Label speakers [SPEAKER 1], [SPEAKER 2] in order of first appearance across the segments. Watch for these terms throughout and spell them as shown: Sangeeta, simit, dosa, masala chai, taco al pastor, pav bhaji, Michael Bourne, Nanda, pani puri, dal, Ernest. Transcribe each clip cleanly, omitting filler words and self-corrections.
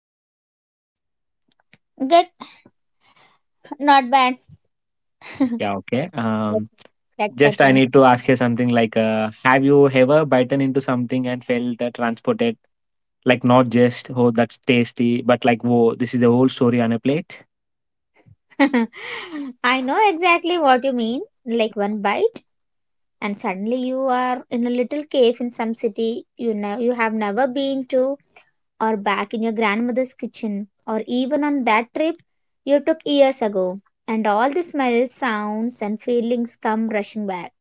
[SPEAKER 1] your day is going?
[SPEAKER 2] Good, not bad.
[SPEAKER 1] Yeah, okay.
[SPEAKER 2] Let's
[SPEAKER 1] Just I
[SPEAKER 2] continue.
[SPEAKER 1] need to ask you something like, have you ever bitten into something and felt transported? Like not just, oh, that's tasty, but like, whoa, this is the whole story on a plate.
[SPEAKER 2] I know exactly what you mean. Like one bite, and suddenly you are in a little cave in some city you know you have never been to, or back in your grandmother's kitchen, or even on that trip you took years ago. And all the smells, sounds, and feelings come rushing back.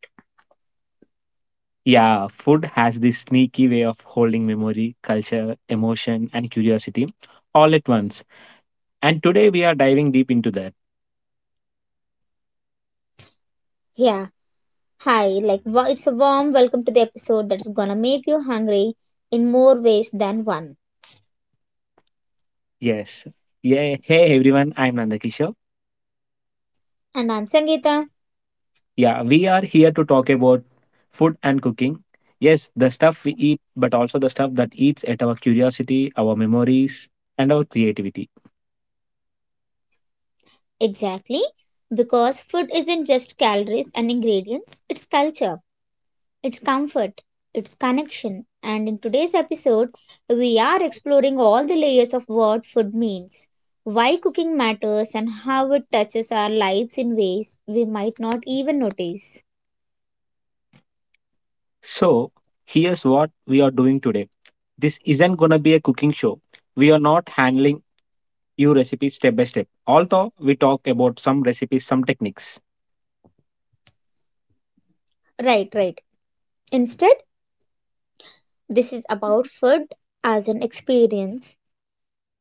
[SPEAKER 1] Yeah, food has this sneaky way of holding memory, culture, emotion, and curiosity all at once. And today we are diving deep into that.
[SPEAKER 2] Yeah. Hi, like it's a warm welcome to the episode that's gonna make you hungry in more ways than one.
[SPEAKER 1] Yes. Yeah. Hey everyone, I'm Nanda.
[SPEAKER 2] And I'm Sangeeta.
[SPEAKER 1] Yeah, we are here to talk about food and cooking. Yes, the stuff we eat, but also the stuff that eats at our curiosity, our memories, and our creativity.
[SPEAKER 2] Exactly, because food isn't just calories and ingredients, it's culture, it's comfort, it's connection. And in today's episode, we are exploring all the layers of what food means, why cooking matters, and how it touches our lives in ways we might not even notice.
[SPEAKER 1] So, here's what we are doing today. This isn't gonna be a cooking show. We are not handling you recipe step by step. Although we talked about some recipes, some techniques,
[SPEAKER 2] Right, right. Instead, this is about food as an experience,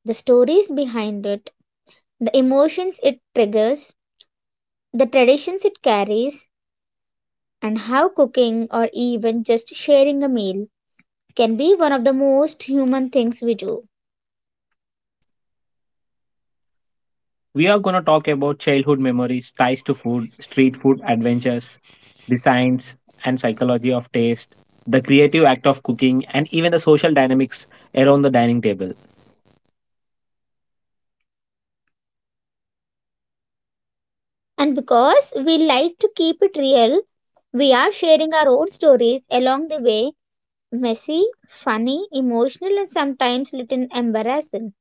[SPEAKER 2] the stories behind it, the emotions it triggers, the traditions it carries, and how cooking or even just sharing a meal can be one of the most human things we do.
[SPEAKER 1] we are going to talk about childhood memories, ties to food, street food adventures, the science and psychology of taste, the creative act of cooking, and even the social dynamics around the dining table.
[SPEAKER 2] And because we like to keep it real, we are sharing our own stories along the way, messy, funny, emotional, and sometimes little embarrassing.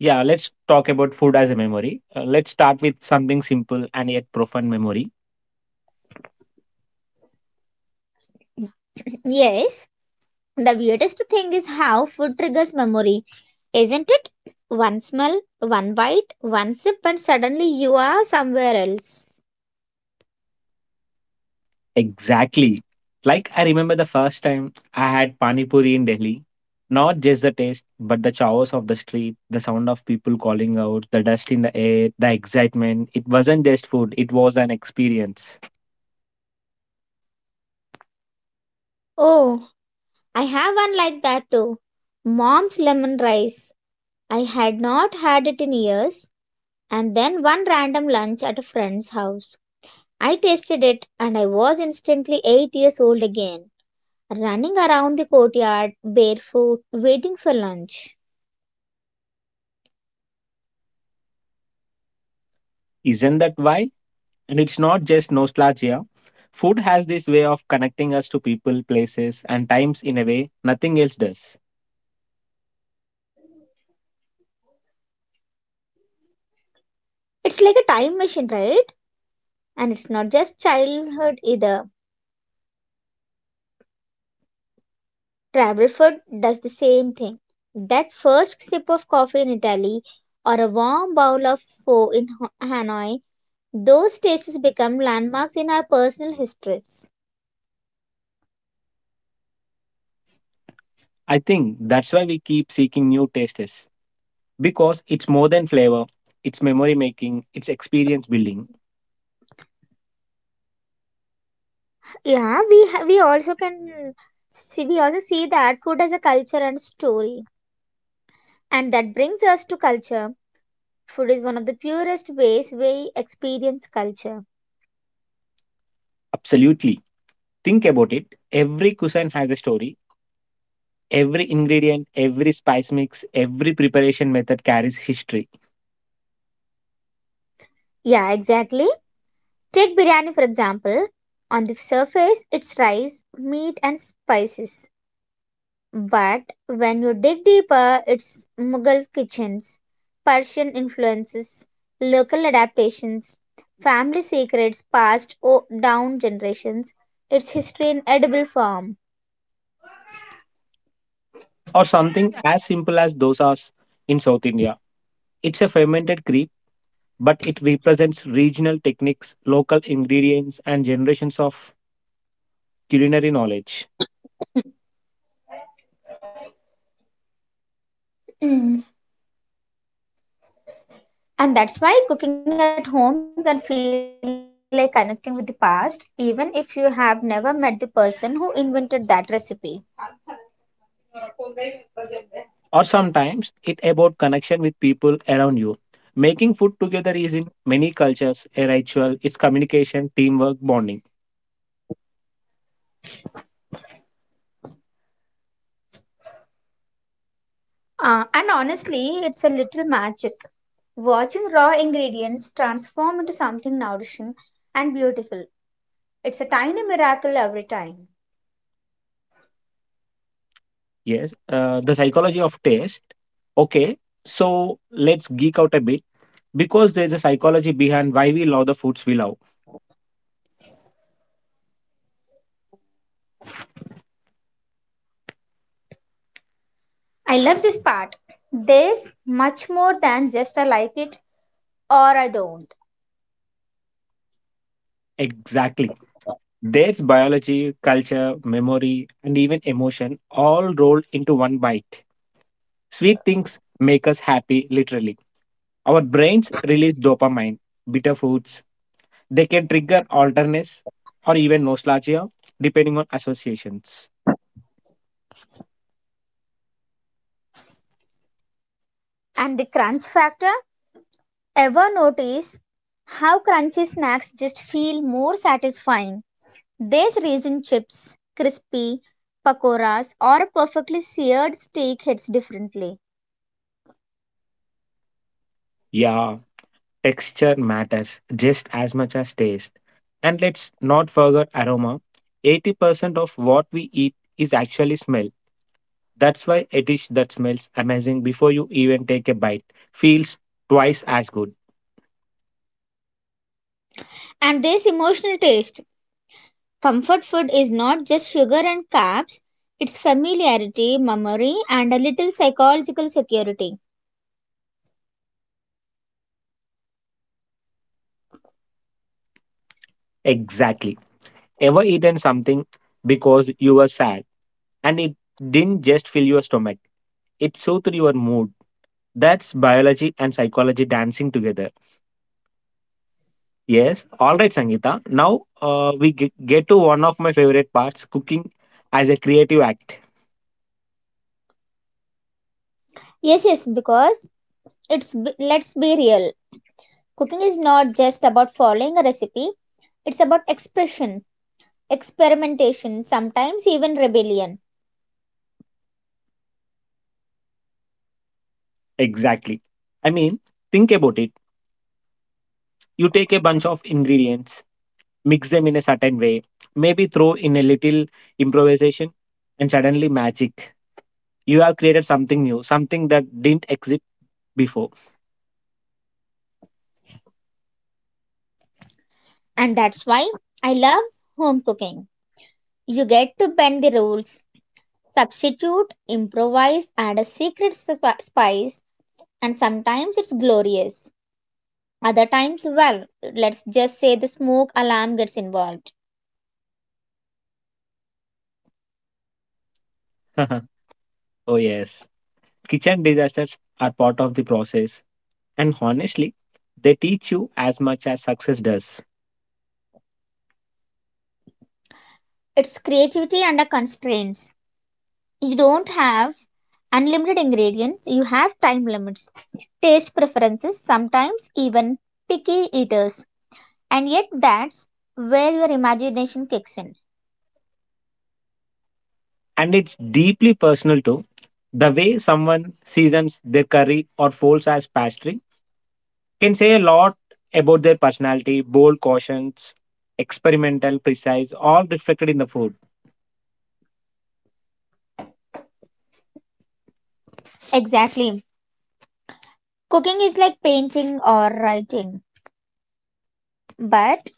[SPEAKER 1] Yeah, let's talk about food as a memory. Let's start with something simple and yet profound memory.
[SPEAKER 2] Yes, the weirdest thing is how food triggers memory. Isn't it? One smell, one bite, one sip, and suddenly you are somewhere else.
[SPEAKER 1] Exactly. Like I remember the first time I had pani puri in Delhi. Not just the taste, but the chaos of the street, the sound of people calling out, the dust in the air, the excitement. It wasn't just food, it was an experience.
[SPEAKER 2] Oh, I have one like that too. Mom's lemon rice. I had not had it in years, and then one random lunch at a friend's house. I tasted it, and I was instantly 8 years old again, running around the courtyard barefoot, waiting for lunch.
[SPEAKER 1] Isn't that why? And it's not just nostalgia. Food has this way of connecting us to people, places, and times in a way nothing else does.
[SPEAKER 2] It's like a time machine, right? And it's not just childhood either. Travelfood does the same thing. That first sip of coffee in Italy or a warm bowl of pho in Hanoi, those tastes become landmarks in our personal histories.
[SPEAKER 1] I think that's why we keep seeking new tastes because it's more than flavor, it's memory making, it's experience building.
[SPEAKER 2] Yeah, we also can we also see that food as a culture and story. And that brings us to culture. Food is one of the purest ways we experience culture.
[SPEAKER 1] Absolutely. Think about it. Every cuisine has a story. Every ingredient, every spice mix, every preparation method carries history.
[SPEAKER 2] Yeah, exactly. Take biryani for example. On the surface, it's rice, meat, and spices. But when you dig deeper, it's Mughal kitchens, Persian influences, local adaptations, family secrets passed down generations, its history in edible form.
[SPEAKER 1] Or something as simple as dosas in South India. It's a fermented crepe, but it represents regional techniques, local ingredients, and generations of culinary knowledge.
[SPEAKER 2] Mm. And that's why cooking at home can feel like connecting with the past, even if you have never met the person who invented that recipe.
[SPEAKER 1] Or sometimes it about connection with people around you. Making food together is in many cultures a ritual, it's communication, teamwork, bonding.
[SPEAKER 2] And honestly, it's a little magic. Watching raw ingredients transform into something nourishing and beautiful. It's a tiny miracle every time.
[SPEAKER 1] Yes, the psychology of taste. Okay, so let's geek out a bit because there's a psychology behind why we love the foods we love.
[SPEAKER 2] I love this part. There's much more than just I like it or I don't.
[SPEAKER 1] Exactly. There's biology, culture, memory, and even emotion all rolled into one bite. Sweet things make us happy, literally. Our brains release dopamine, bitter foods. They can trigger alertness or even nostalgia, depending on associations.
[SPEAKER 2] And the crunch factor? Ever notice how crunchy snacks just feel more satisfying? There's raisin chips, crispy pakoras, or a perfectly seared steak hits differently.
[SPEAKER 1] Yeah. Texture matters just as much as taste. And let's not forget aroma. 80% of what we eat is actually smell. That's why a dish that smells amazing before you even take a bite feels twice as good.
[SPEAKER 2] And there's emotional taste. Comfort food is not just sugar and carbs, it's familiarity, memory, and a little psychological security.
[SPEAKER 1] Exactly. Ever eaten something because you were sad and it didn't just fill your stomach, it soothed your mood. That's biology and psychology dancing together. Yes, all right, Sangeeta. Now we get to one of my favorite parts cooking as a creative act.
[SPEAKER 2] Yes, yes, because let's be real. Cooking is not just about following a recipe, it's about expression, experimentation, sometimes even rebellion.
[SPEAKER 1] Exactly. I mean, think about it. You take a bunch of ingredients, mix them in a certain way, maybe throw in a little improvisation, and suddenly magic. You have created something new, something that didn't exist before.
[SPEAKER 2] And that's why I love home cooking. You get to bend the rules, substitute, improvise, add a secret spice, and sometimes it's glorious. Other times, well, let's just say the smoke alarm gets involved.
[SPEAKER 1] oh, yes. Kitchen disasters are part of the process, and honestly, they teach you as much as success does.
[SPEAKER 2] It's creativity under constraints. You don't have unlimited ingredients, you have time limits, taste preferences, sometimes even picky eaters, and yet that's where your imagination kicks in.
[SPEAKER 1] And it's deeply personal too. The way someone seasons their curry or folds as pastry can say a lot about their personality, bold cautions, experimental, precise, all reflected in the food.
[SPEAKER 2] Exactly, cooking is like painting or writing, but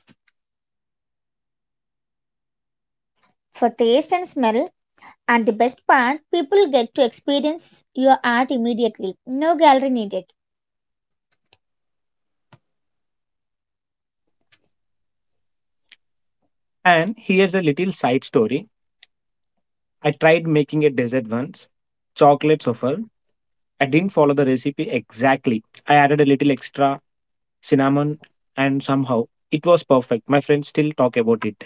[SPEAKER 2] for taste and smell. And the best part, people get to experience your art immediately, no gallery needed.
[SPEAKER 1] And here's a little side story. I tried making a dessert once, chocolate souffle. I didn't follow the recipe exactly. I added a little extra cinnamon, and somehow it was perfect. My friends still talk about it.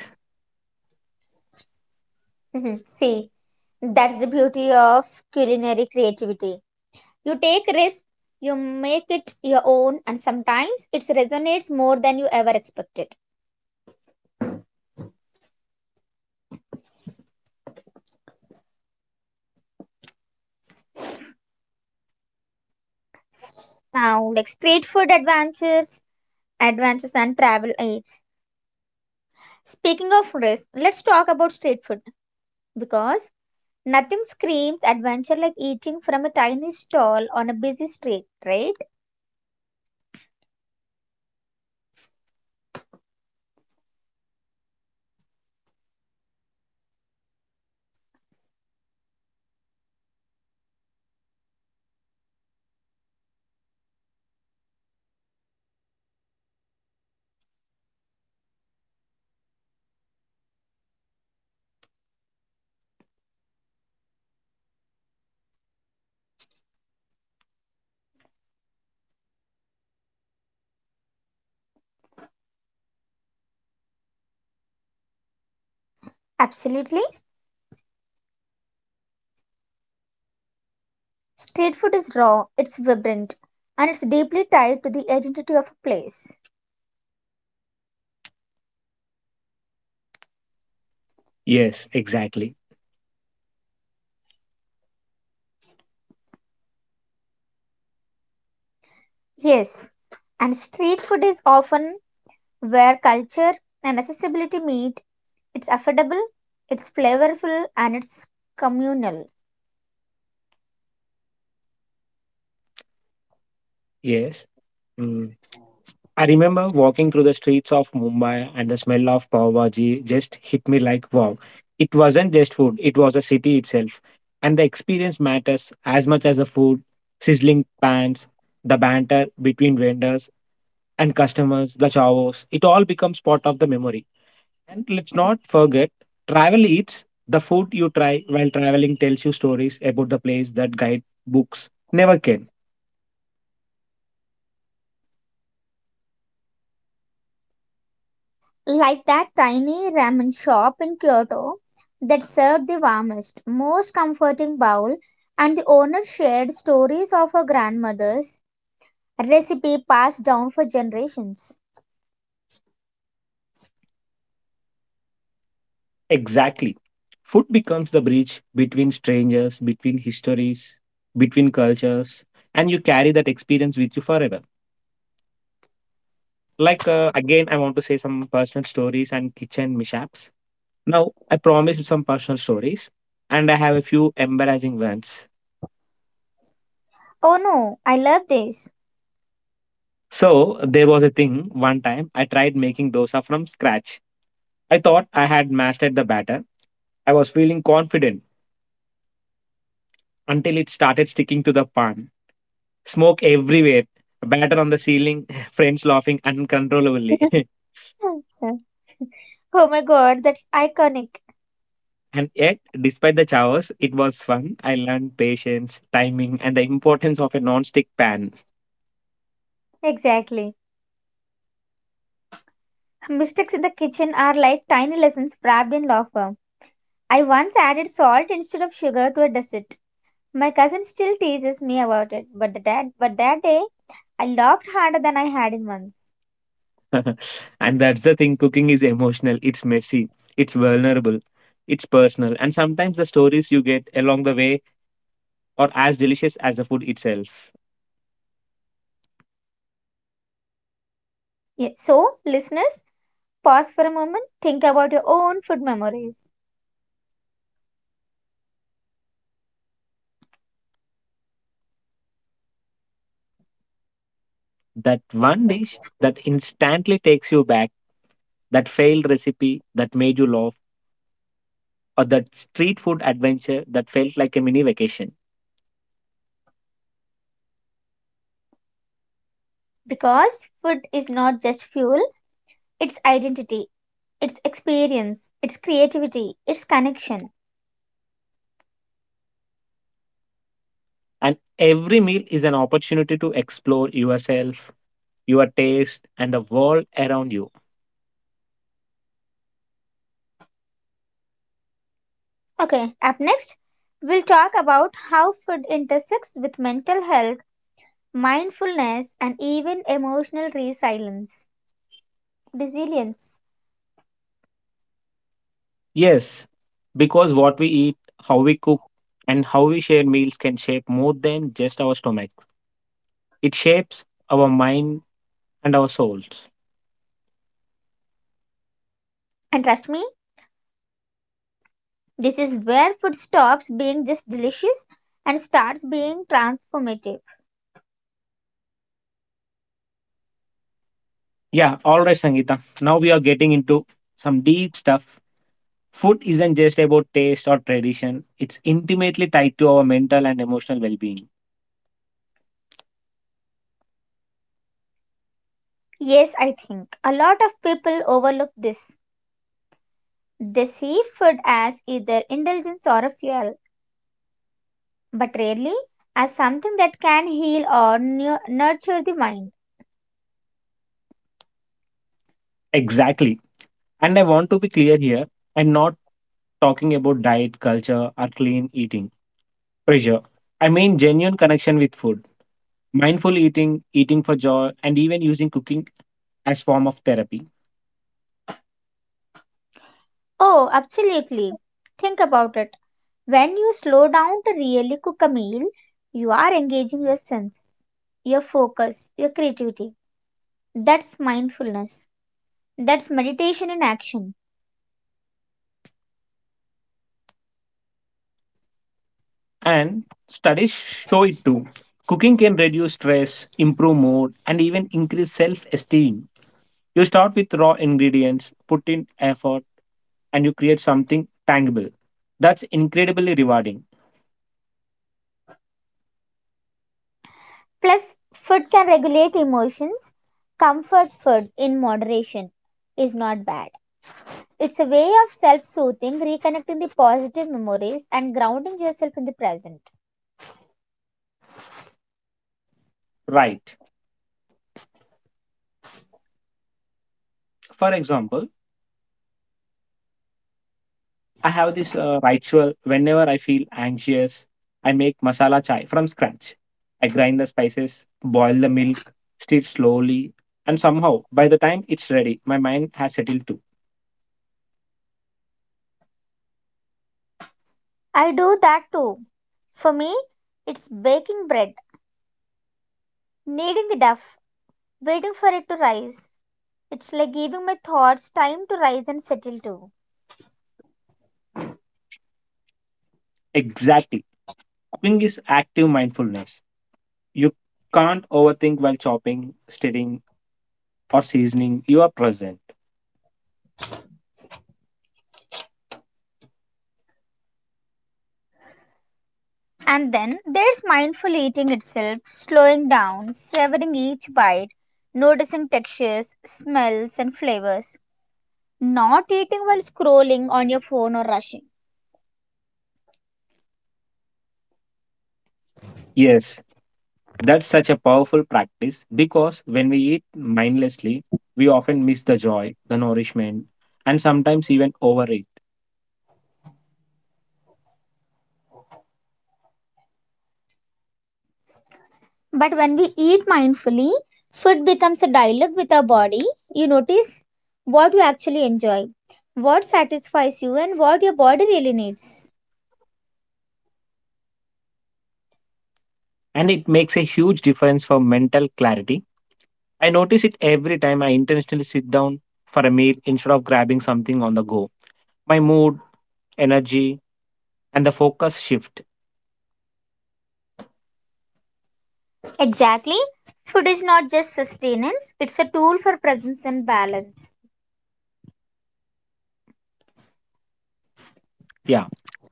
[SPEAKER 2] See, that's the beauty of culinary creativity. You take risks, you make it your own, and sometimes it resonates more than you ever expected. Now, like street food adventures, and travel aids. Speaking of risk, let's talk about street food because nothing screams adventure like eating from a tiny stall on a busy street, right? Absolutely. Street food is raw, it's vibrant, and it's deeply tied to the identity of a place.
[SPEAKER 1] Yes, exactly.
[SPEAKER 2] Yes, and street food is often where culture and accessibility meet. It's affordable, it's flavorful, and it's communal.
[SPEAKER 1] Yes. Hmm. I remember walking through the streets of Mumbai and the smell of pav bhaji just hit me like wow. It wasn't just food, it was a city itself. And the experience matters as much as the food, sizzling pans, the banter between vendors and customers, the chavos. It all becomes part of the memory. And let's not forget, travel eats. The food you try while traveling tells you stories about the place that guidebooks never can.
[SPEAKER 2] Like that tiny ramen shop in Kyoto that served the warmest, most comforting bowl, and the owner shared stories of her grandmother's recipe passed down for generations.
[SPEAKER 1] Exactly. Food becomes the bridge between strangers, between histories, between cultures, and you carry that experience with you forever. Like, again, I want to say some personal stories and kitchen mishaps. Now, I promised some personal stories, and I have a few embarrassing ones.
[SPEAKER 2] Oh no, I love this.
[SPEAKER 1] So, there was a thing one time I tried making dosa from scratch. I thought I had mastered the batter. I was feeling confident until it started sticking to the pan. Smoke everywhere, batter on the ceiling, friends laughing uncontrollably.
[SPEAKER 2] Oh my god, that's iconic.
[SPEAKER 1] And yet, despite the chaos, it was fun. I learned patience, timing, and the importance of a non-stick pan.
[SPEAKER 2] Exactly. Mistakes in the kitchen are like tiny lessons wrapped in law firm. I once added salt instead of sugar to a dessert. My cousin still teases me about it, but that day I laughed harder than I had in months.
[SPEAKER 1] And that's the thing, cooking is emotional, it's messy, it's vulnerable, it's personal. And sometimes the stories you get along the way are as delicious as the food itself.
[SPEAKER 2] Yeah, so, listeners, pause for a moment, think about your own food memories
[SPEAKER 1] That one dish that instantly takes you back, that failed recipe that made you laugh or that street food adventure that felt like a mini vacation.
[SPEAKER 2] because food is not just fuel, it's identity, it's experience, it's creativity, it's connection.
[SPEAKER 1] And every meal is an opportunity to explore yourself, your taste, and the world around you.
[SPEAKER 2] Okay, up next, we'll talk about how food intersects with mental health, mindfulness, and even emotional resilience. Resilience.
[SPEAKER 1] Yes, because what we eat, how we cook, and how we share meals can shape more than just our stomach. It shapes our mind and our souls.
[SPEAKER 2] And trust me, this is where food stops being just delicious and starts being transformative.
[SPEAKER 1] Yeah, all right, Sangeeta. Now we are getting into some deep stuff. Food isn't just about taste or tradition, it's intimately tied to our mental and emotional well being.
[SPEAKER 2] Yes, I think a lot of people overlook this. They see food as either indulgence or a fuel, but rarely as something that can heal or nurture the mind.
[SPEAKER 1] Exactly. And I want to be clear here, I'm not talking about diet, culture, or clean eating pressure. I mean genuine connection with food, mindful eating, eating for joy, and even using cooking as form of therapy.
[SPEAKER 2] Oh, absolutely. Think about it. When you slow down to really cook a meal, you are engaging your senses, your focus, your creativity. That's mindfulness. That's meditation in action.
[SPEAKER 1] And studies show it too. Cooking can reduce stress, improve mood, and even increase self-esteem. You start with raw ingredients, put in effort, and you create something tangible. That's incredibly rewarding.
[SPEAKER 2] Plus, food can regulate emotions. Comfort food in moderation is not bad. It's a way of self soothing, reconnecting the positive memories, and grounding yourself in the present.
[SPEAKER 1] Right. For example, I have this ritual whenever I feel anxious, I make masala chai from scratch. I grind the spices, boil the milk, stir slowly, and somehow by the time it's ready, my mind has settled too.
[SPEAKER 2] I do that too. For me, it's baking bread, kneading the dough, waiting for it to rise. It's like giving my thoughts time to rise and settle too.
[SPEAKER 1] Exactly. Cooking is active mindfulness. You can't overthink while chopping, stirring, or seasoning. You are present.
[SPEAKER 2] And then there's mindful eating itself, slowing down, savoring each bite, noticing textures, smells, and flavors. Not eating while scrolling on your phone or rushing.
[SPEAKER 1] Yes, that's such a powerful practice because when we eat mindlessly, we often miss the joy, the nourishment, and sometimes even overeat.
[SPEAKER 2] But when we eat mindfully, food becomes a dialogue with our body. You notice what you actually enjoy, what satisfies you, and what your body really needs.
[SPEAKER 1] And it makes a huge difference for mental clarity. I notice it every time I intentionally sit down for a meal instead of grabbing something on the go. My mood, energy, and the focus shift.
[SPEAKER 2] Exactly. Food is not just sustenance, it's a tool for presence and balance.
[SPEAKER 1] Yeah.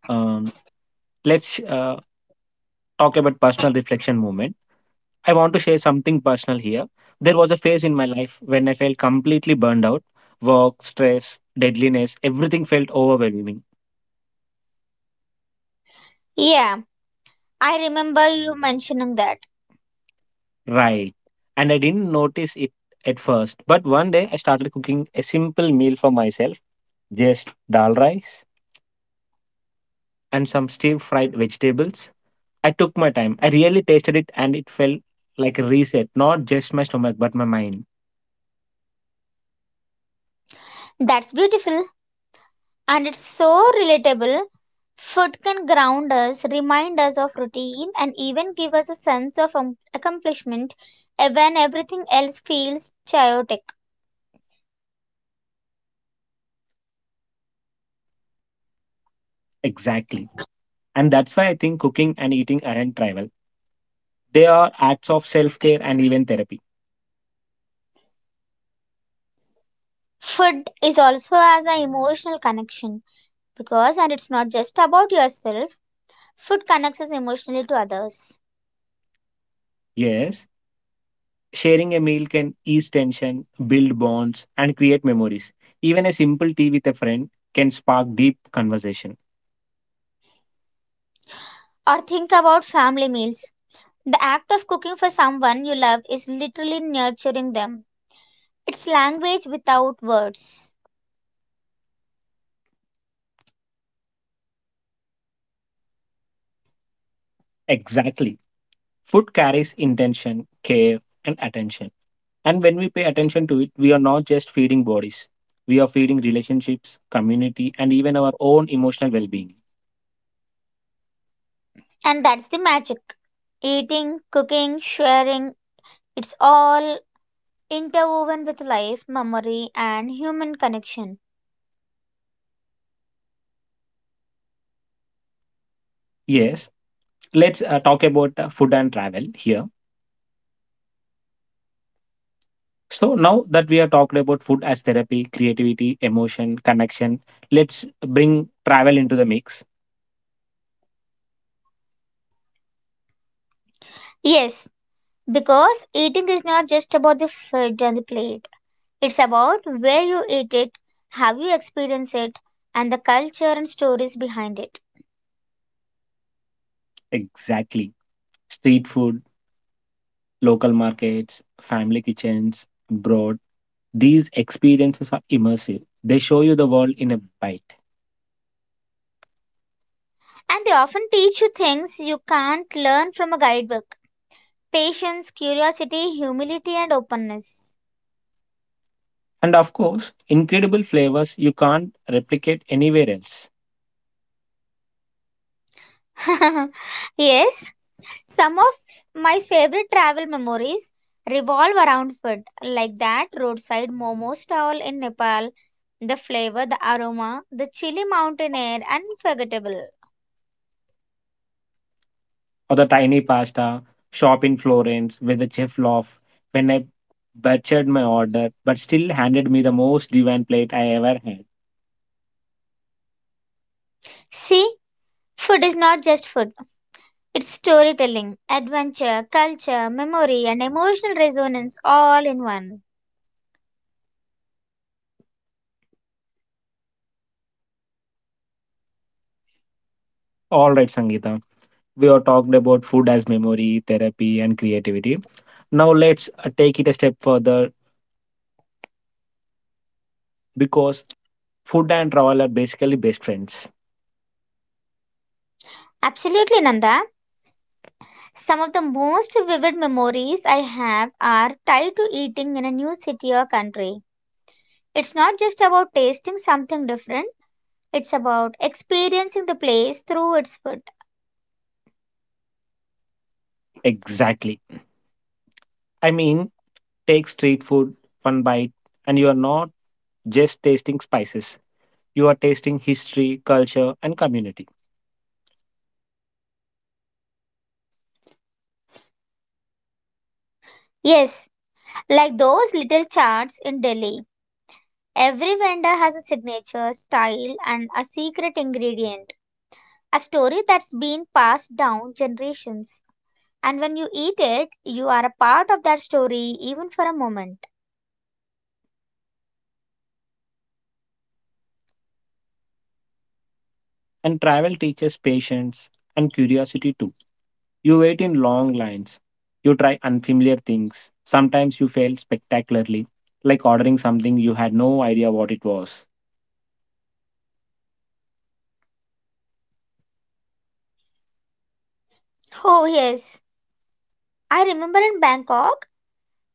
[SPEAKER 1] Um, let's talk about personal reflection moment. I want to share something personal here. There was a phase in my life when I felt completely burned out. Work, stress, deadliness, everything felt overwhelming.
[SPEAKER 2] Yeah, I remember you mentioning that.
[SPEAKER 1] Right. And I didn't notice it at first. But one day I started cooking a simple meal for myself just dal rice and some stir fried vegetables. I took my time. I really tasted it and it felt like a reset, not just my stomach, but my mind.
[SPEAKER 2] That's beautiful and it's so relatable. Food can ground us, remind us of routine, and even give us a sense of accomplishment when everything else feels chaotic.
[SPEAKER 1] Exactly. And that's why I think cooking and eating aren't trivial. They are acts of self care and even therapy.
[SPEAKER 2] Food is also as an emotional connection because, and it's not just about yourself, food connects us emotionally to others.
[SPEAKER 1] Yes, sharing a meal can ease tension, build bonds, and create memories. Even a simple tea with a friend can spark deep conversation.
[SPEAKER 2] Or think about family meals. The act of cooking for someone you love is literally nurturing them. It's language without words.
[SPEAKER 1] Exactly. Food carries intention, care, and attention. And when we pay attention to it, we are not just feeding bodies, we are feeding relationships, community, and even our own emotional well being.
[SPEAKER 2] And that's the magic. Eating, cooking, sharing, it's all interwoven with life, memory, and human connection.
[SPEAKER 1] Yes, let's talk about food and travel here. So, now that we have talked about food as therapy, creativity, emotion, connection, let's bring travel into the mix.
[SPEAKER 2] Yes, because eating is not just about the food on the plate, it's about where you eat it, how you experience it, and the culture and stories behind it.
[SPEAKER 1] Exactly. Street food, local markets, family kitchens, broad. These experiences are immersive. They show you the world in a bite.
[SPEAKER 2] And they often teach you things you can't learn from a guidebook. Patience, curiosity, humility, and openness.
[SPEAKER 1] And of course, incredible flavors you can't replicate anywhere else.
[SPEAKER 2] Yes, some of my favorite travel memories revolve around food, like that roadside momo stall in Nepal, the flavor, the aroma, the chilly mountain air, unforgettable.
[SPEAKER 1] Or the tiny pasta shop in Florence where the chef laughed when I butchered my order but still handed me the most divine plate I ever had.
[SPEAKER 2] See, food is not just food, it's storytelling, adventure, culture, memory, and emotional resonance all in one.
[SPEAKER 1] All right, Sangeeta, we have talked about food as memory, therapy, and creativity. Now let's take it a step further because food and travel are basically best friends.
[SPEAKER 2] Absolutely, Nanda. Some of the most vivid memories I have are tied to eating in a new city or country. It's not just about tasting something different, it's about experiencing the place through its food.
[SPEAKER 1] Exactly. I mean, take street food, one bite, and you are not just tasting spices. You are tasting history, culture, and community.
[SPEAKER 2] Yes, like those little charts in Delhi. Every vendor has a signature, style, and a secret ingredient, a story that's been passed down generations. And when you eat it, you are a part of that story even for a moment.
[SPEAKER 1] And travel teaches patience and curiosity too. You wait in long lines. You try unfamiliar things. Sometimes you fail spectacularly, like ordering something you had no idea what it was.
[SPEAKER 2] Oh, yes. I remember in Bangkok,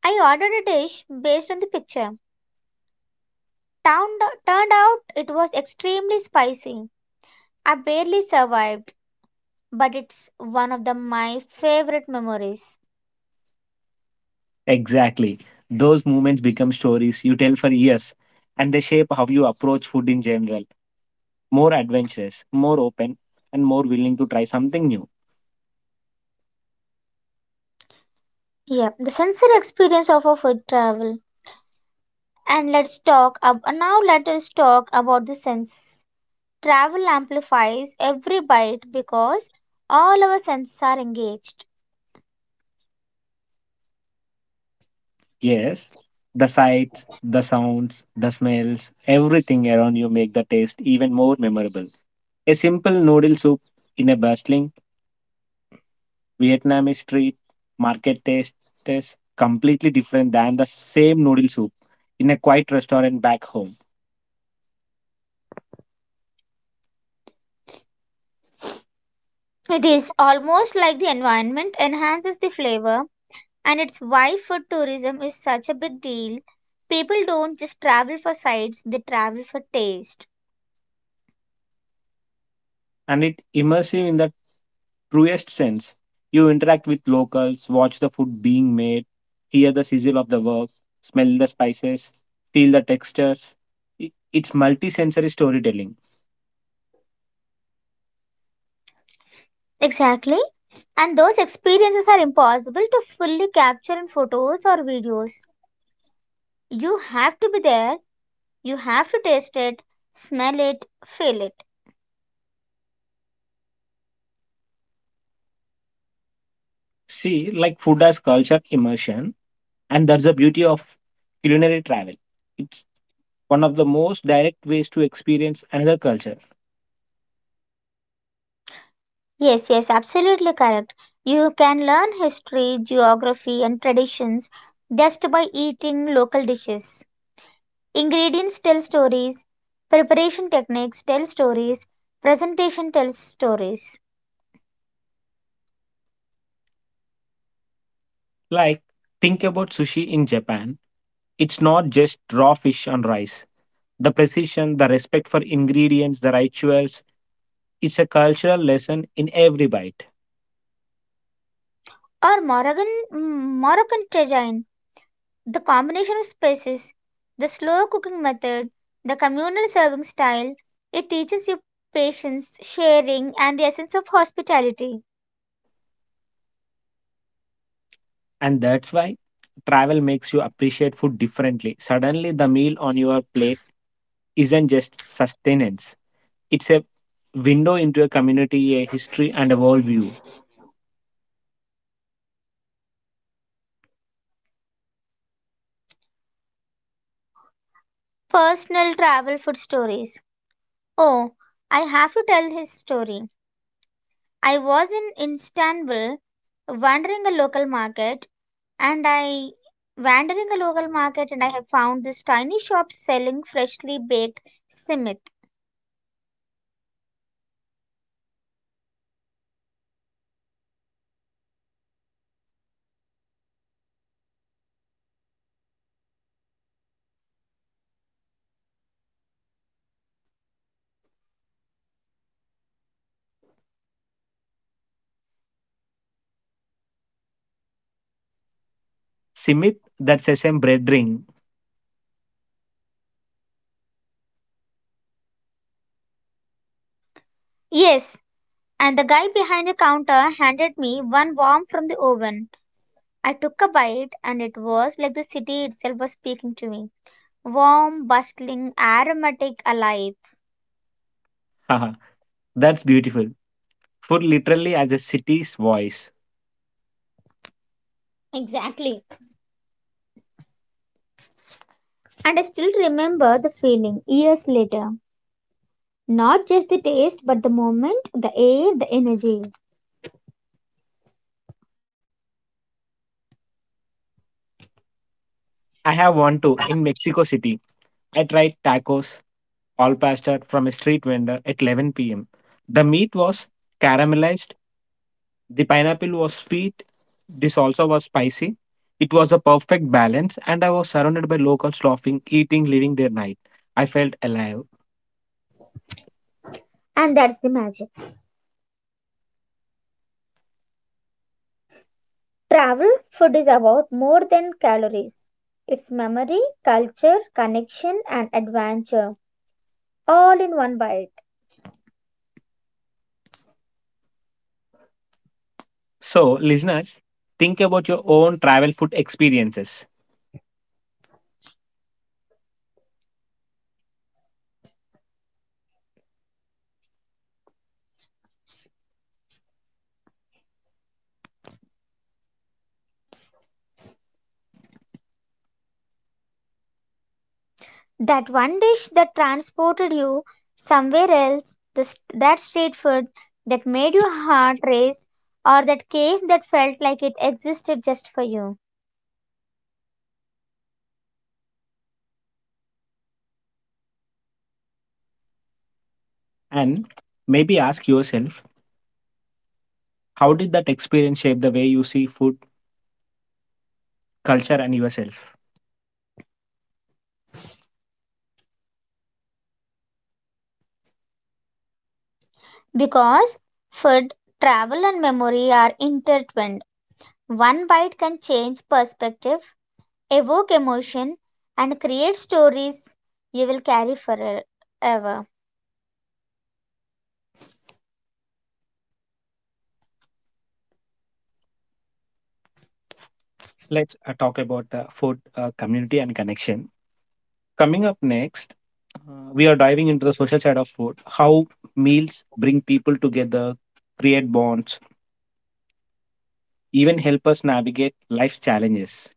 [SPEAKER 2] I ordered a dish based on the picture. Town, turned out it was extremely spicy. I barely survived, but it's one of my favorite memories.
[SPEAKER 1] Exactly. Those moments become stories you tell for years, and they shape how you approach food in general. More adventurous, more open, and more willing to try something new.
[SPEAKER 2] Yeah, the sensory experience of a food travel. And let's now let us talk about the senses. Travel amplifies every bite because all our senses are engaged.
[SPEAKER 1] Yes, the sights, the sounds, the smells, everything around you make the taste even more memorable. A simple noodle soup in a bustling Vietnamese street market taste is completely different than the same noodle soup in a quiet restaurant back home.
[SPEAKER 2] It is almost like the environment enhances the flavor and it's why food tourism is such a big deal. People don't just travel for sights, they travel for taste.
[SPEAKER 1] And it immersive in the truest sense. You interact with locals, watch the food being made, hear the sizzle of the work, smell the spices, feel the textures. It- It's multi-sensory storytelling.
[SPEAKER 2] Exactly. And those experiences are impossible to fully capture in photos or videos. You have to be there, you have to taste it, smell it, feel it.
[SPEAKER 1] See, like food as culture immersion, and that's the beauty of culinary travel. It's one of the most direct ways to experience another culture.
[SPEAKER 2] Yes, yes, absolutely correct. You can learn history, geography, and traditions just by eating local dishes. Ingredients tell stories, preparation techniques tell stories, presentation tells stories.
[SPEAKER 1] Like, think about sushi in Japan. It's not just raw fish on rice. The precision, the respect for ingredients, the rituals, it's a cultural lesson in every bite.
[SPEAKER 2] Or Moroccan cuisine, the combination of spices, the slow cooking method, the communal serving style, it teaches you patience, sharing, and the essence of hospitality.
[SPEAKER 1] And that's why travel makes you appreciate food differently. Suddenly, the meal on your plate isn't just sustenance, it's a window into a community, a history, and a worldview.
[SPEAKER 2] Personal travel food stories. Oh, I have to tell his story. I was in Istanbul wandering a local market and I wandering a local market and I have found this tiny shop selling freshly baked simit.
[SPEAKER 1] Simit, that sesame bread ring.
[SPEAKER 2] Yes, and the guy behind the counter handed me one warm from the oven. I took a bite and it was like the city itself was speaking to me. Warm, bustling, aromatic, alive.
[SPEAKER 1] Haha, that's beautiful. Food literally as a city's voice.
[SPEAKER 2] Exactly. And I still remember the feeling years later. Not just the taste, but the moment, the air, the energy.
[SPEAKER 1] I have one too in Mexico City. I tried tacos, all pasta from a street vendor at 11 pm. The meat was caramelized, the pineapple was sweet, this also was spicy. It was a perfect balance, and I was surrounded by locals laughing, eating, living their night. I felt alive.
[SPEAKER 2] And that's the magic. Travel food is about more than calories. It's memory, culture, connection, and adventure, all in one bite.
[SPEAKER 1] So, listeners, think about your own travel food experiences,
[SPEAKER 2] That one dish that transported you somewhere else, that street food that made your heart race, or that cave that felt like it existed just for you.
[SPEAKER 1] and maybe ask yourself, how did that experience shape the way you see food, culture, and yourself?
[SPEAKER 2] Because food, travel, and memory are intertwined. One bite can change perspective, evoke emotion, and create stories you will carry forever.
[SPEAKER 1] Let's talk about food, community, and connection. Coming up next, we are diving into the social side of food, how meals bring people together, create bonds, even help us navigate life's challenges.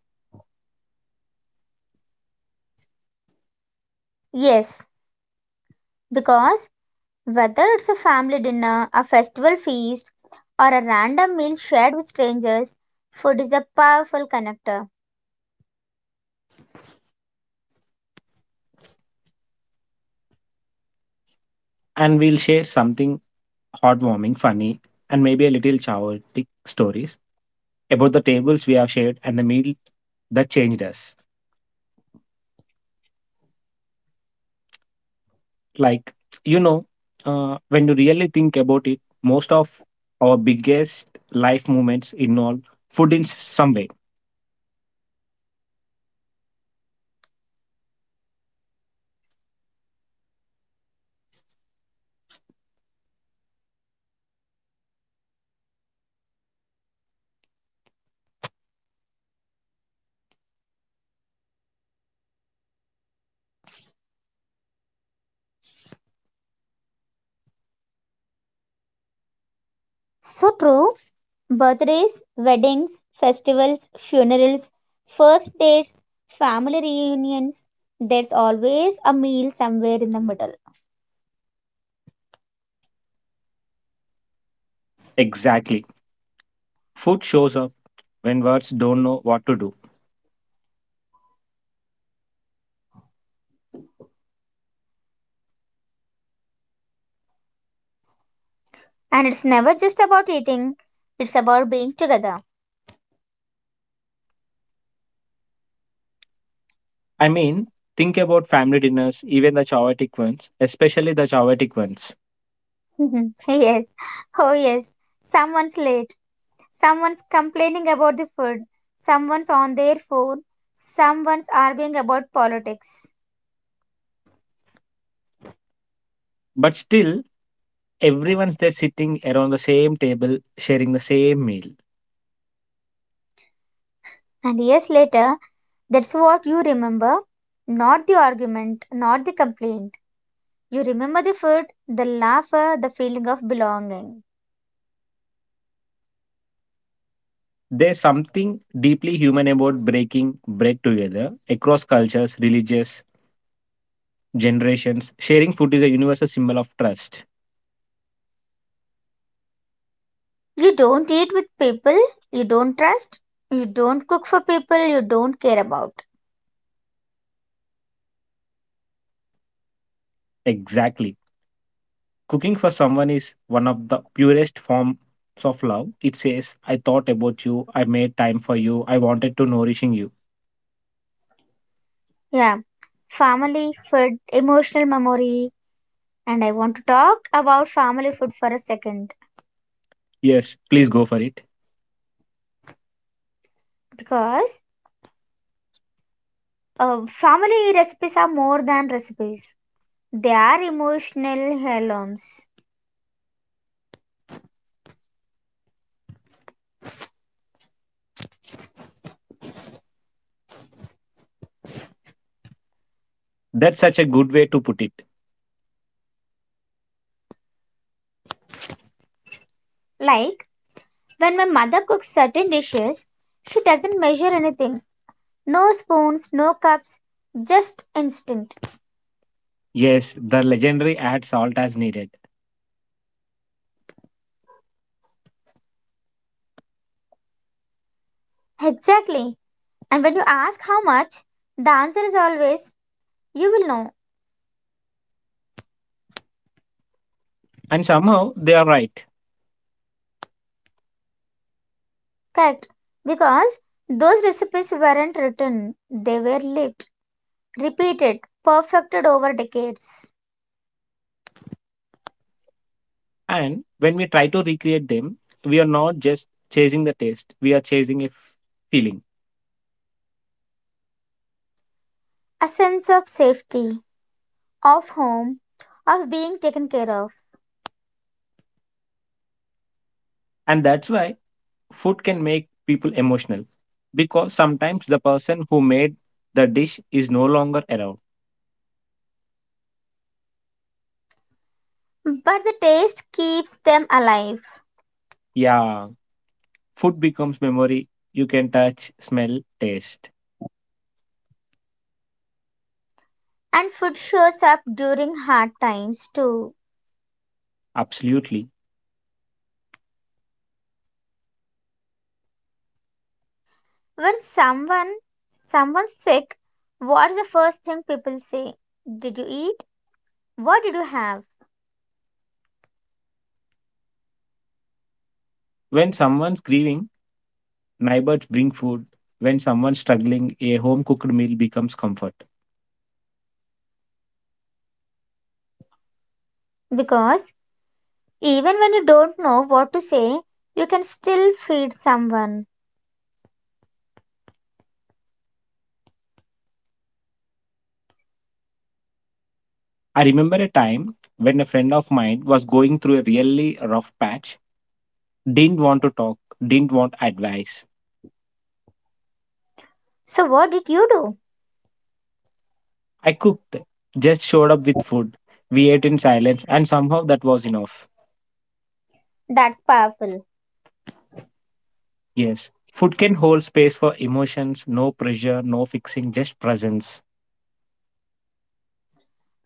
[SPEAKER 2] Yes, because whether it's a family dinner, a festival feast, or a random meal shared with strangers, food is a powerful connector.
[SPEAKER 1] And we'll share something heartwarming, funny, and maybe a little chaotic stories about the tables we have shared and the meal that changed us. Like, you know, when you really think about it, most of our biggest life moments involve food in some way.
[SPEAKER 2] So true. Birthdays, weddings, festivals, funerals, first dates, family reunions, there's always a meal somewhere in the middle.
[SPEAKER 1] Exactly. Food shows up when words don't know what to do.
[SPEAKER 2] And it's never just about eating, it's about being together.
[SPEAKER 1] I mean, think about family dinners, even the chaotic ones, especially the chaotic ones.
[SPEAKER 2] Yes, oh yes, someone's late, someone's complaining about the food, someone's on their phone, someone's arguing about politics.
[SPEAKER 1] But still, everyone's there sitting around the same table, sharing the same meal.
[SPEAKER 2] And years later, that's what you remember, not the argument, not the complaint. You remember the food, the laughter, the feeling of belonging.
[SPEAKER 1] There's something deeply human about breaking bread together across cultures, religious generations. Sharing food is a universal symbol of trust.
[SPEAKER 2] You don't eat with people you don't trust. You don't cook for people you don't care about.
[SPEAKER 1] Exactly. Cooking for someone is one of the purest forms of love. It says, I thought about you, I made time for you, I wanted to nourishing you.
[SPEAKER 2] Yeah, family, food, emotional memory. And I want to talk about family food for a second,
[SPEAKER 1] Yes, please go for it.
[SPEAKER 2] because family recipes are more than recipes, they are emotional heirlooms.
[SPEAKER 1] That's such a good way to put it.
[SPEAKER 2] Like when my mother cooks certain dishes, she doesn't measure anything. No spoons, no cups, just instinct.
[SPEAKER 1] Yes, the legendary adds salt as needed.
[SPEAKER 2] Exactly. And when you ask how much, the answer is always, you will know.
[SPEAKER 1] And somehow they are right.
[SPEAKER 2] Correct. Because those recipes weren't written, they were lived, repeated, perfected over decades.
[SPEAKER 1] And when we try to recreate them, we are not just chasing the taste, we are chasing a feeling.
[SPEAKER 2] A sense of safety, of home, of being taken care of.
[SPEAKER 1] And that's why food can make people emotional because sometimes the person who made the dish is no longer around.
[SPEAKER 2] But the taste keeps them alive.
[SPEAKER 1] Yeah, food becomes memory you can touch, smell, taste.
[SPEAKER 2] And food shows up during hard times too.
[SPEAKER 1] Absolutely.
[SPEAKER 2] When someone's sick, what's the first thing people say? Did you eat? What did you have?
[SPEAKER 1] When someone's grieving, neighbors bring food. When someone's struggling, a home cooked meal becomes comfort.
[SPEAKER 2] Because even when you don't know what to say, you can still feed someone.
[SPEAKER 1] I remember a time when a friend of mine was going through a really rough patch. Didn't want to talk, didn't want advice.
[SPEAKER 2] So what did you do?
[SPEAKER 1] I cooked, just showed up with food. We ate in silence, and somehow that was enough.
[SPEAKER 2] That's powerful.
[SPEAKER 1] Yes, food can hold space for emotions, no pressure, no fixing, just presence.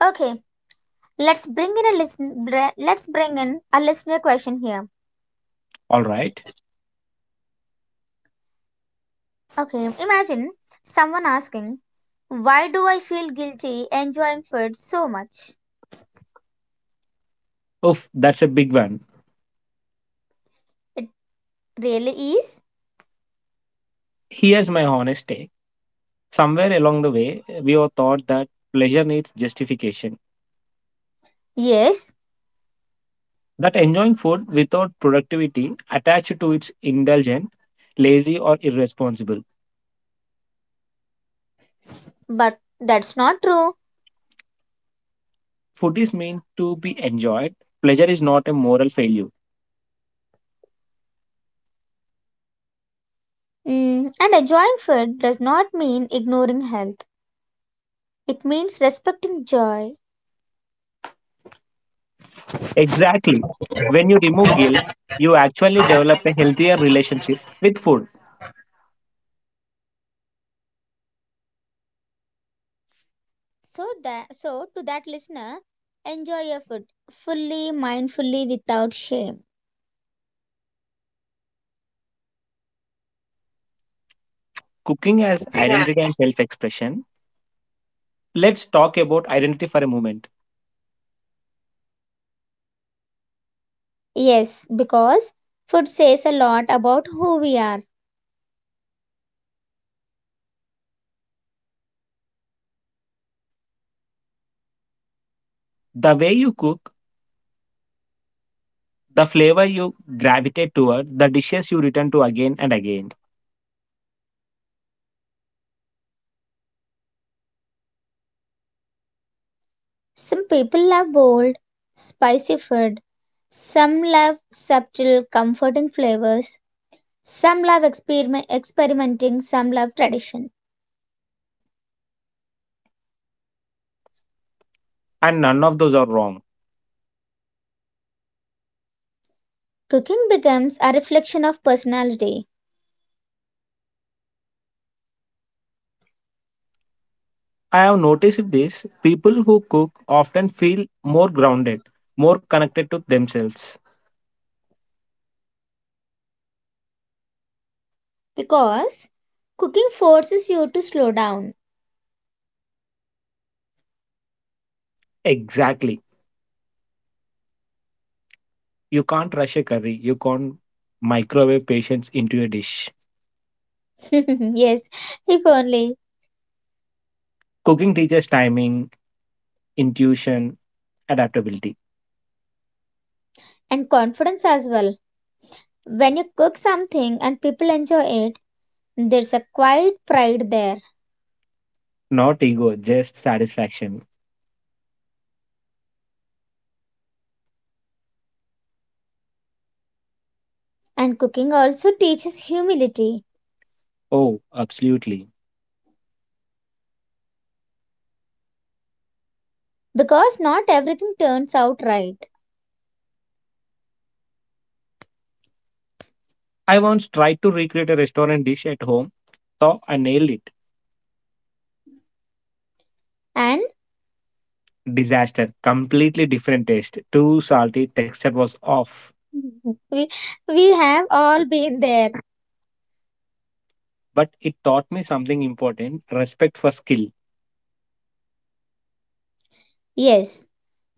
[SPEAKER 2] Okay, let's bring in a listen let's bring in a listener question here.
[SPEAKER 1] All right.
[SPEAKER 2] Okay, imagine someone asking, "Why do I feel guilty enjoying food so much?"
[SPEAKER 1] Oof, that's a big one.
[SPEAKER 2] It really is.
[SPEAKER 1] Here's my honest take. Somewhere along the way, we all thought that pleasure needs justification.
[SPEAKER 2] Yes,
[SPEAKER 1] That enjoying food without productivity attached to its indulgent, lazy, or irresponsible.
[SPEAKER 2] but that's not true.
[SPEAKER 1] Food is meant to be enjoyed. Pleasure is not a moral failure.
[SPEAKER 2] Mm, and enjoying food does not mean ignoring health. It means respecting joy.
[SPEAKER 1] Exactly. When you remove guilt, you actually develop a healthier relationship with food.
[SPEAKER 2] So to that listener, enjoy your food fully, mindfully, without shame.
[SPEAKER 1] Cooking as
[SPEAKER 2] Yeah.
[SPEAKER 1] identity and self expression. Let's talk about identity for a moment.
[SPEAKER 2] Yes, because food says a lot about who we are.
[SPEAKER 1] The way you cook, the flavor you gravitate toward, the dishes you return to again and again.
[SPEAKER 2] Some people love bold, spicy food. Some love subtle, comforting flavors. Experimenting. Some love tradition.
[SPEAKER 1] And none of those are wrong.
[SPEAKER 2] Cooking becomes a reflection of personality.
[SPEAKER 1] I have noticed this people who cook often feel more grounded, more connected to themselves.
[SPEAKER 2] Because cooking forces you to slow down.
[SPEAKER 1] Exactly. You can't rush a curry. You can't microwave patience into a dish.
[SPEAKER 2] Yes, if only.
[SPEAKER 1] Cooking teaches timing, intuition, adaptability.
[SPEAKER 2] And confidence as well. When you cook something and people enjoy it, there's a quiet pride there.
[SPEAKER 1] Not ego, just satisfaction.
[SPEAKER 2] And cooking also teaches humility,
[SPEAKER 1] Oh, absolutely.
[SPEAKER 2] because not everything turns out right.
[SPEAKER 1] I once tried to recreate a restaurant dish at home, so I nailed it.
[SPEAKER 2] And
[SPEAKER 1] Disaster. Completely different taste. Too salty, texture was off.
[SPEAKER 2] we, we have all been there.
[SPEAKER 1] But it taught me something important respect for skill.
[SPEAKER 2] Yes,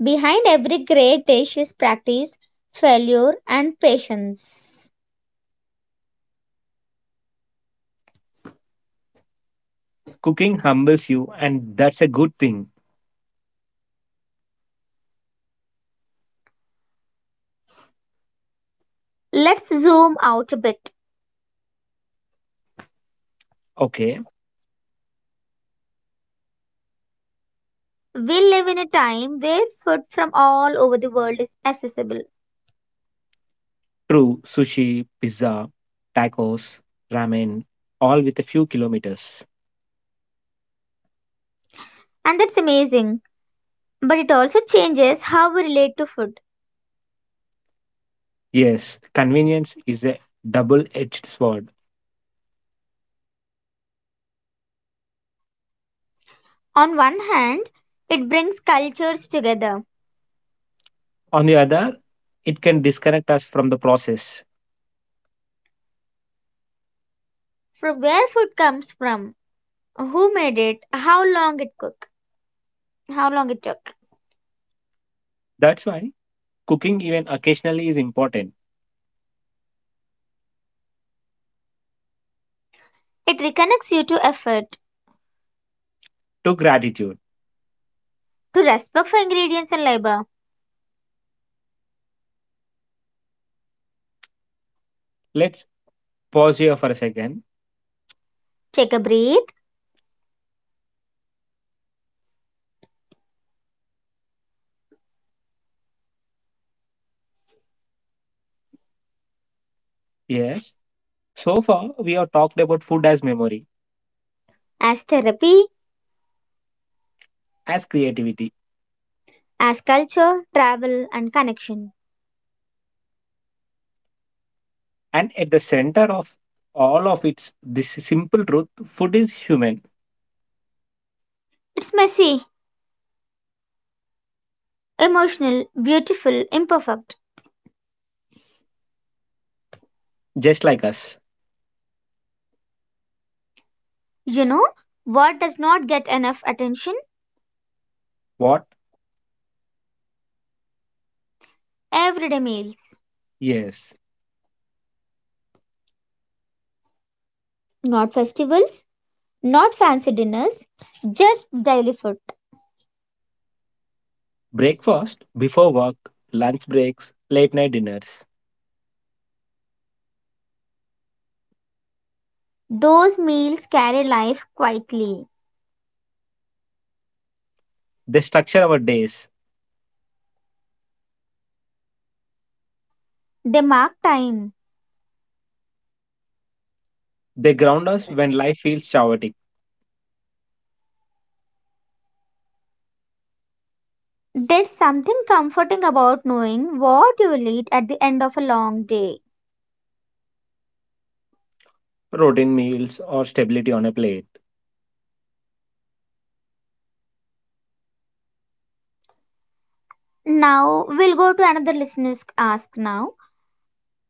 [SPEAKER 2] behind every great dish is practice, failure, and patience.
[SPEAKER 1] Cooking humbles you, and that's a good thing.
[SPEAKER 2] Let's zoom out a bit.
[SPEAKER 1] Okay.
[SPEAKER 2] We live in a time where food from all over the world is accessible,
[SPEAKER 1] True, sushi, pizza, tacos, ramen, all with a few kilometers.
[SPEAKER 2] and that's amazing. But it also changes how we relate to food.
[SPEAKER 1] Yes, convenience is a double edged sword.
[SPEAKER 2] On one hand, it brings cultures together.
[SPEAKER 1] On the other, it can disconnect us from the process.
[SPEAKER 2] From where food comes from, who made it, how long it took.
[SPEAKER 1] That's why cooking, even occasionally, is important.
[SPEAKER 2] It reconnects you to effort,
[SPEAKER 1] To gratitude.
[SPEAKER 2] to respect for ingredients and labor.
[SPEAKER 1] Let's pause here for a second.
[SPEAKER 2] Take a breath,
[SPEAKER 1] Yes, so far we have talked about food as memory,
[SPEAKER 2] as therapy,
[SPEAKER 1] as creativity,
[SPEAKER 2] as culture, travel, and connection.
[SPEAKER 1] and at the center of all of its this simple truth food is human
[SPEAKER 2] It's messy, emotional, beautiful, imperfect.
[SPEAKER 1] just like us.
[SPEAKER 2] You know what does not get enough attention?
[SPEAKER 1] What?
[SPEAKER 2] Everyday meals.
[SPEAKER 1] Yes.
[SPEAKER 2] Not festivals, not fancy dinners, just daily food.
[SPEAKER 1] Breakfast, before work, lunch breaks, late night dinners.
[SPEAKER 2] Those meals carry life quietly.
[SPEAKER 1] They structure our days.
[SPEAKER 2] They mark time.
[SPEAKER 1] They ground us when life feels chaotic.
[SPEAKER 2] There's something comforting about knowing what you will eat at the end of a long day.
[SPEAKER 1] Routine meals or stability on a plate.
[SPEAKER 2] Now, we'll go to another listener's ask now.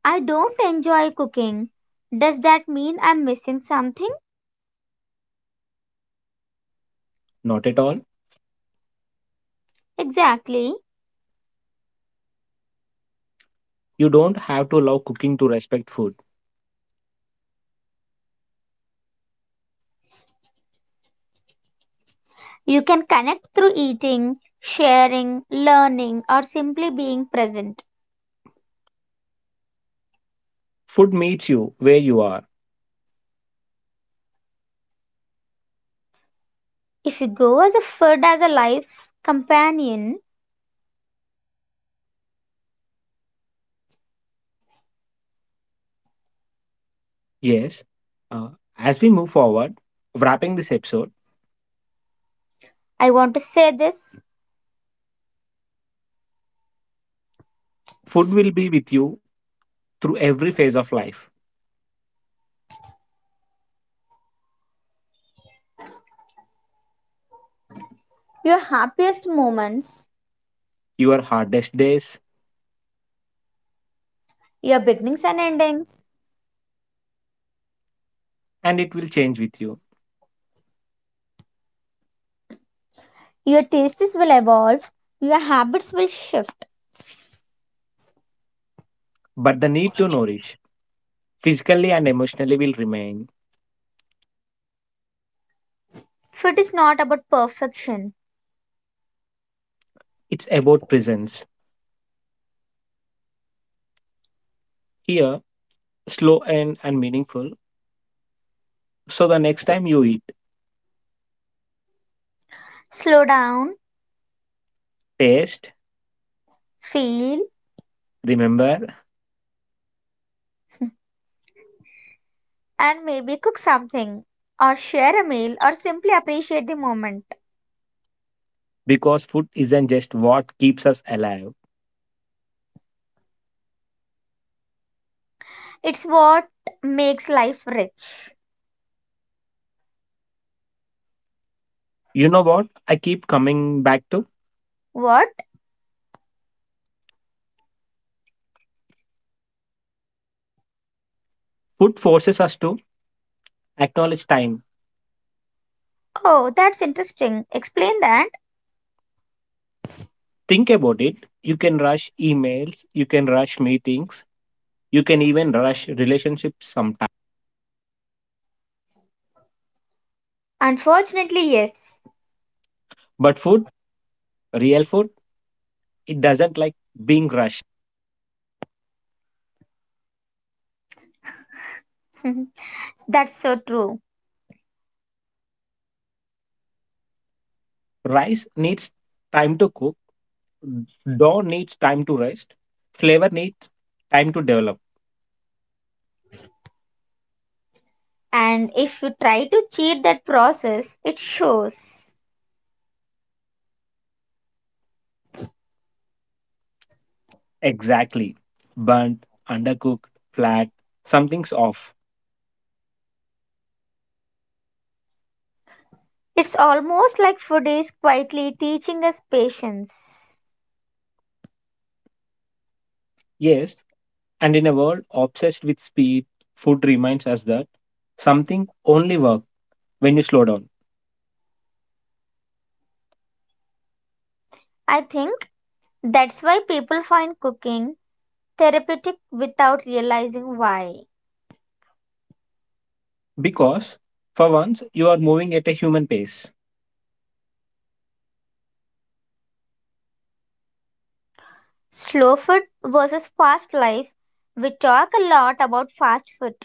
[SPEAKER 2] I don't enjoy cooking. Does that mean I'm missing something?
[SPEAKER 1] Not at all.
[SPEAKER 2] Exactly.
[SPEAKER 1] You don't have to love cooking to respect food.
[SPEAKER 2] You can connect through eating, sharing, learning, or simply being present.
[SPEAKER 1] Food meets you where you are.
[SPEAKER 2] If you go as a food as a life companion,
[SPEAKER 1] Yes. Uh, as we move forward, wrapping this episode,
[SPEAKER 2] I want to say this:
[SPEAKER 1] food will be with you through every phase of life,
[SPEAKER 2] your happiest moments,
[SPEAKER 1] your hardest days,
[SPEAKER 2] your beginnings and endings,
[SPEAKER 1] and it will change with you.
[SPEAKER 2] your tastes will evolve, your habits will shift.
[SPEAKER 1] But the need to nourish physically and emotionally will remain.
[SPEAKER 2] Food is not about perfection.
[SPEAKER 1] It's about presence. Here, slow and meaningful. So the next time you eat,
[SPEAKER 2] Slow down,
[SPEAKER 1] taste,
[SPEAKER 2] feel,
[SPEAKER 1] remember,
[SPEAKER 2] and maybe cook something, or share a meal, or simply appreciate the moment.
[SPEAKER 1] because food isn't just what keeps us alive.
[SPEAKER 2] It's what makes life rich.
[SPEAKER 1] You know what? I keep coming back to
[SPEAKER 2] What?
[SPEAKER 1] food forces us to acknowledge time.
[SPEAKER 2] Oh, that's interesting. Explain that.
[SPEAKER 1] Think about it. You can rush emails, you can rush meetings, you can even rush relationships sometimes.
[SPEAKER 2] Unfortunately, yes.
[SPEAKER 1] But food, real food, it doesn't like being rushed.
[SPEAKER 2] That's so true.
[SPEAKER 1] Rice needs time to cook. Hmm. Dough needs time to rest. Flavor needs time to develop.
[SPEAKER 2] And if you try to cheat that process, it shows.
[SPEAKER 1] Exactly. Burnt, undercooked, flat, something's off.
[SPEAKER 2] It's almost like food is quietly teaching us patience.
[SPEAKER 1] Yes, and in a world obsessed with speed, food reminds us that something only works when you slow down.
[SPEAKER 2] I think that's why people find cooking therapeutic without realizing why.
[SPEAKER 1] Because for once, you are moving at a human pace.
[SPEAKER 2] Slow food versus fast life. We talk a lot about fast food,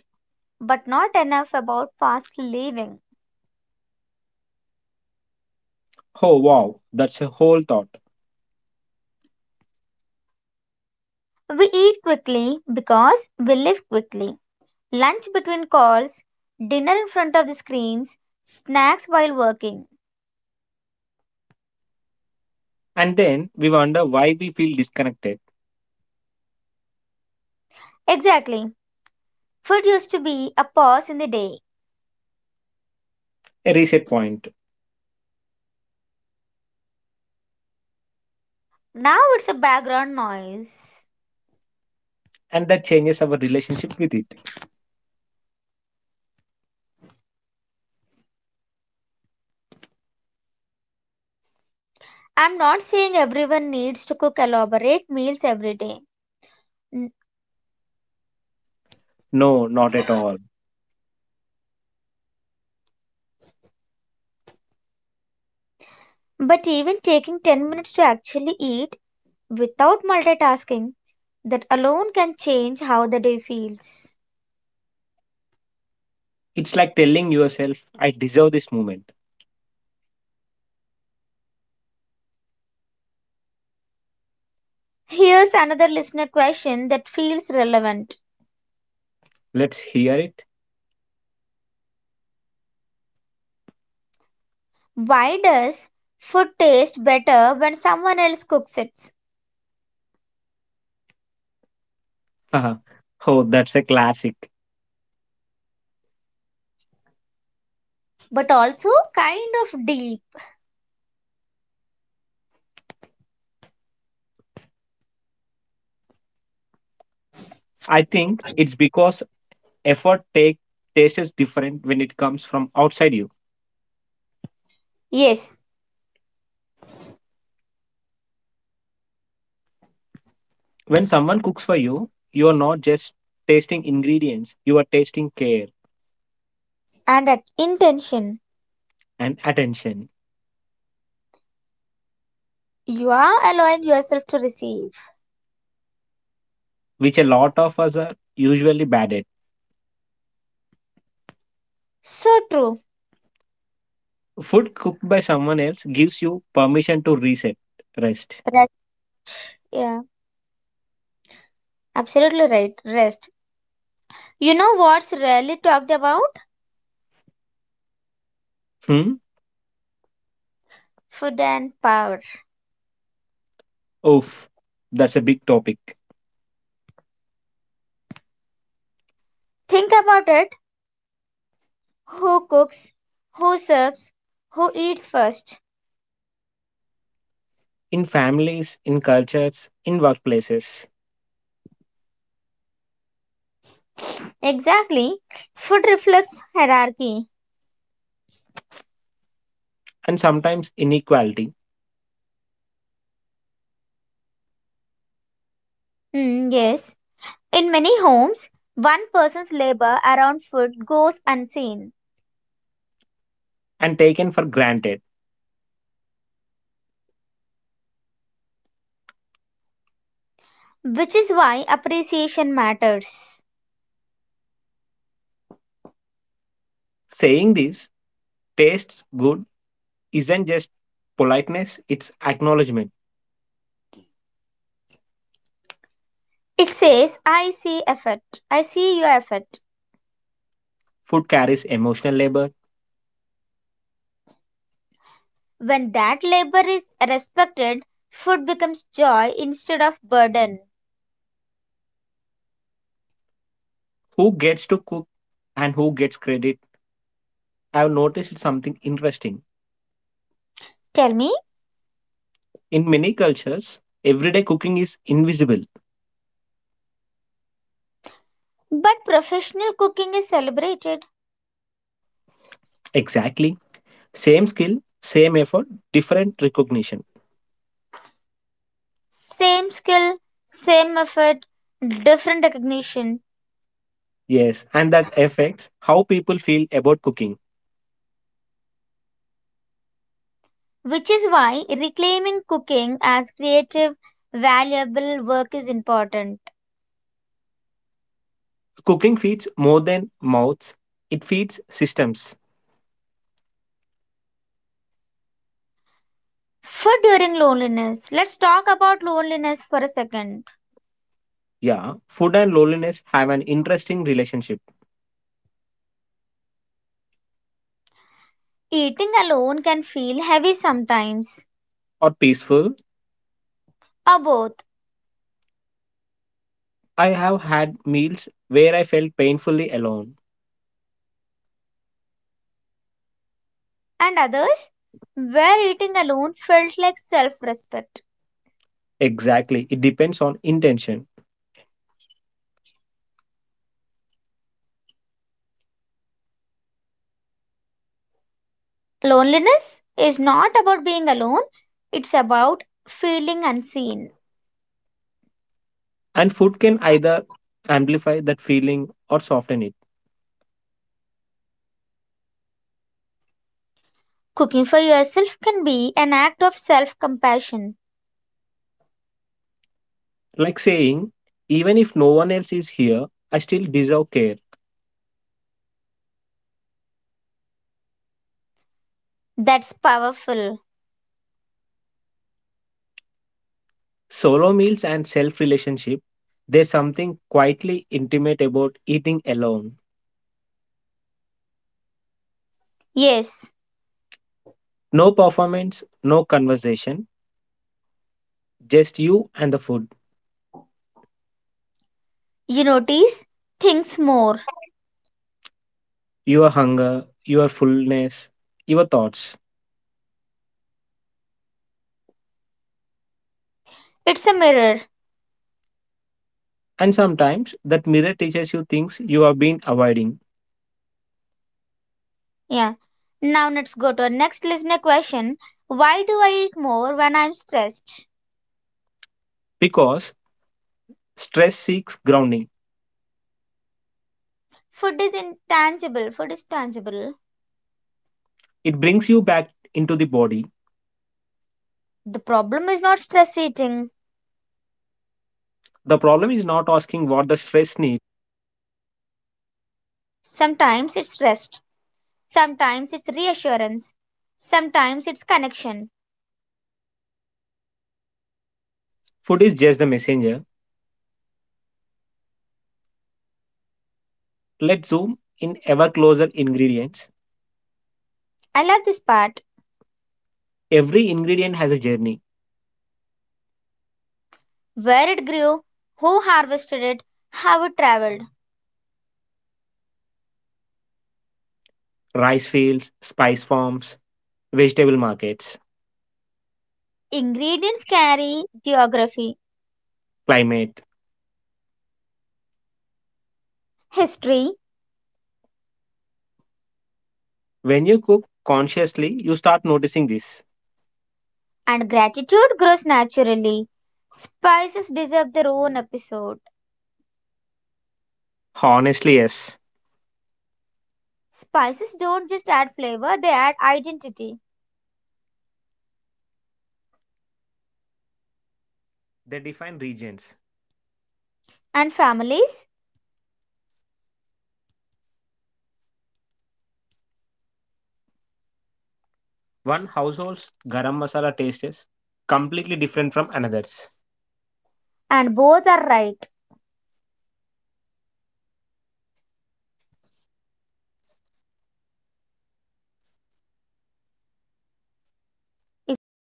[SPEAKER 2] but not enough about fast living.
[SPEAKER 1] Oh wow, that's a whole thought.
[SPEAKER 2] We eat quickly because we live quickly. Lunch between calls, dinner in front of the screens, snacks while working.
[SPEAKER 1] And then we wonder why we feel disconnected.
[SPEAKER 2] Exactly. Food used to be a pause in the day.
[SPEAKER 1] A reset point,
[SPEAKER 2] Now it's a background noise.
[SPEAKER 1] and that changes our relationship with it.
[SPEAKER 2] Cook elaborate meals every day.
[SPEAKER 1] No, not at all.
[SPEAKER 2] But even taking 10 minutes to actually eat without multitasking, that alone can change how the day feels.
[SPEAKER 1] It's like telling yourself, I deserve this moment.
[SPEAKER 2] Here's another listener question that feels relevant.
[SPEAKER 1] Let's hear it.
[SPEAKER 2] Why does food taste better when someone else cooks it?
[SPEAKER 1] Oh, that's a classic.
[SPEAKER 2] But also kind of deep.
[SPEAKER 1] I think it's because effort take tastes different when it comes from outside you.
[SPEAKER 2] Yes,
[SPEAKER 1] When someone cooks for you, you are not just tasting ingredients, you are tasting care
[SPEAKER 2] and at intention.
[SPEAKER 1] and attention,
[SPEAKER 2] You are allowing yourself to receive.
[SPEAKER 1] which a lot of us are usually bad at.
[SPEAKER 2] So true.
[SPEAKER 1] Food cooked by someone else gives you permission to reset, rest.
[SPEAKER 2] Right. Yeah, absolutely right. Rest. You know what's rarely talked about?
[SPEAKER 1] Hmm?
[SPEAKER 2] Food and power.
[SPEAKER 1] Oof, that's a big topic.
[SPEAKER 2] Think about it. Who cooks? Who serves? Who eats first?
[SPEAKER 1] In families, in cultures, in workplaces,
[SPEAKER 2] Exactly. Food reflects hierarchy.
[SPEAKER 1] and sometimes inequality,
[SPEAKER 2] Hmm, yes. In many homes, one person's labor around food goes unseen,
[SPEAKER 1] and taken for granted.
[SPEAKER 2] which is why appreciation matters.
[SPEAKER 1] Saying this tastes good isn't just politeness, it's acknowledgement.
[SPEAKER 2] It says, I see effort. I see your effort.
[SPEAKER 1] Food carries emotional labor.
[SPEAKER 2] When that labor is respected, food becomes joy instead of burden.
[SPEAKER 1] Who gets to cook and who gets credit? I've noticed something interesting.
[SPEAKER 2] Tell me.
[SPEAKER 1] In many cultures, everyday cooking is invisible.
[SPEAKER 2] But professional cooking is celebrated.
[SPEAKER 1] Exactly. Same skill, same effort, different recognition.
[SPEAKER 2] Same skill, same effort, different recognition,
[SPEAKER 1] Yes, and that affects how people feel about cooking.
[SPEAKER 2] which is why reclaiming cooking as creative, valuable work is important.
[SPEAKER 1] Cooking feeds more than mouths, it feeds systems.
[SPEAKER 2] Food during loneliness. Let's talk about loneliness for a second.
[SPEAKER 1] Yeah, food and loneliness have an interesting relationship.
[SPEAKER 2] Eating alone can feel heavy sometimes,
[SPEAKER 1] Or peaceful,
[SPEAKER 2] or both,
[SPEAKER 1] I have had meals where I felt painfully alone.
[SPEAKER 2] and others, where eating alone felt like self respect.
[SPEAKER 1] Exactly, it depends on intention.
[SPEAKER 2] Loneliness is not about being alone, it's about feeling unseen.
[SPEAKER 1] And food can either amplify that feeling or soften it.
[SPEAKER 2] Cooking for yourself can be an act of self compassion.
[SPEAKER 1] Like saying, even if no one else is here, I still deserve care.
[SPEAKER 2] That's powerful.
[SPEAKER 1] Solo meals and self relationship, there's something quietly intimate about eating alone.
[SPEAKER 2] Yes,
[SPEAKER 1] No performance, no conversation, just you and the food,
[SPEAKER 2] you notice things more.
[SPEAKER 1] your hunger, your fullness, your thoughts.
[SPEAKER 2] It's a mirror.
[SPEAKER 1] And sometimes that mirror teaches you things you have been avoiding
[SPEAKER 2] Yeah. Now let's go to our next listener question. Why do I eat more when I'm stressed?
[SPEAKER 1] because stress seeks grounding.
[SPEAKER 2] Food is intangible. Food is tangible.
[SPEAKER 1] It brings you back into the body.
[SPEAKER 2] The problem is not stress eating.
[SPEAKER 1] The problem is not asking what the stress needs,
[SPEAKER 2] Sometimes it's rest. Sometimes it's reassurance. Sometimes it's connection.
[SPEAKER 1] food is just the messenger. Let's zoom in ever closer ingredients.
[SPEAKER 2] I love this part.
[SPEAKER 1] Every ingredient has a journey
[SPEAKER 2] Where it grew, who harvested it, how it traveled.
[SPEAKER 1] rice fields, spice farms, vegetable markets,
[SPEAKER 2] Ingredients carry geography,
[SPEAKER 1] climate.
[SPEAKER 2] history,
[SPEAKER 1] When you cook consciously, you start noticing this.
[SPEAKER 2] and gratitude grows naturally. Spices deserve their own episode.
[SPEAKER 1] Honestly, yes.
[SPEAKER 2] Spices don't just add flavor, they add identity and families, and both are right. If you are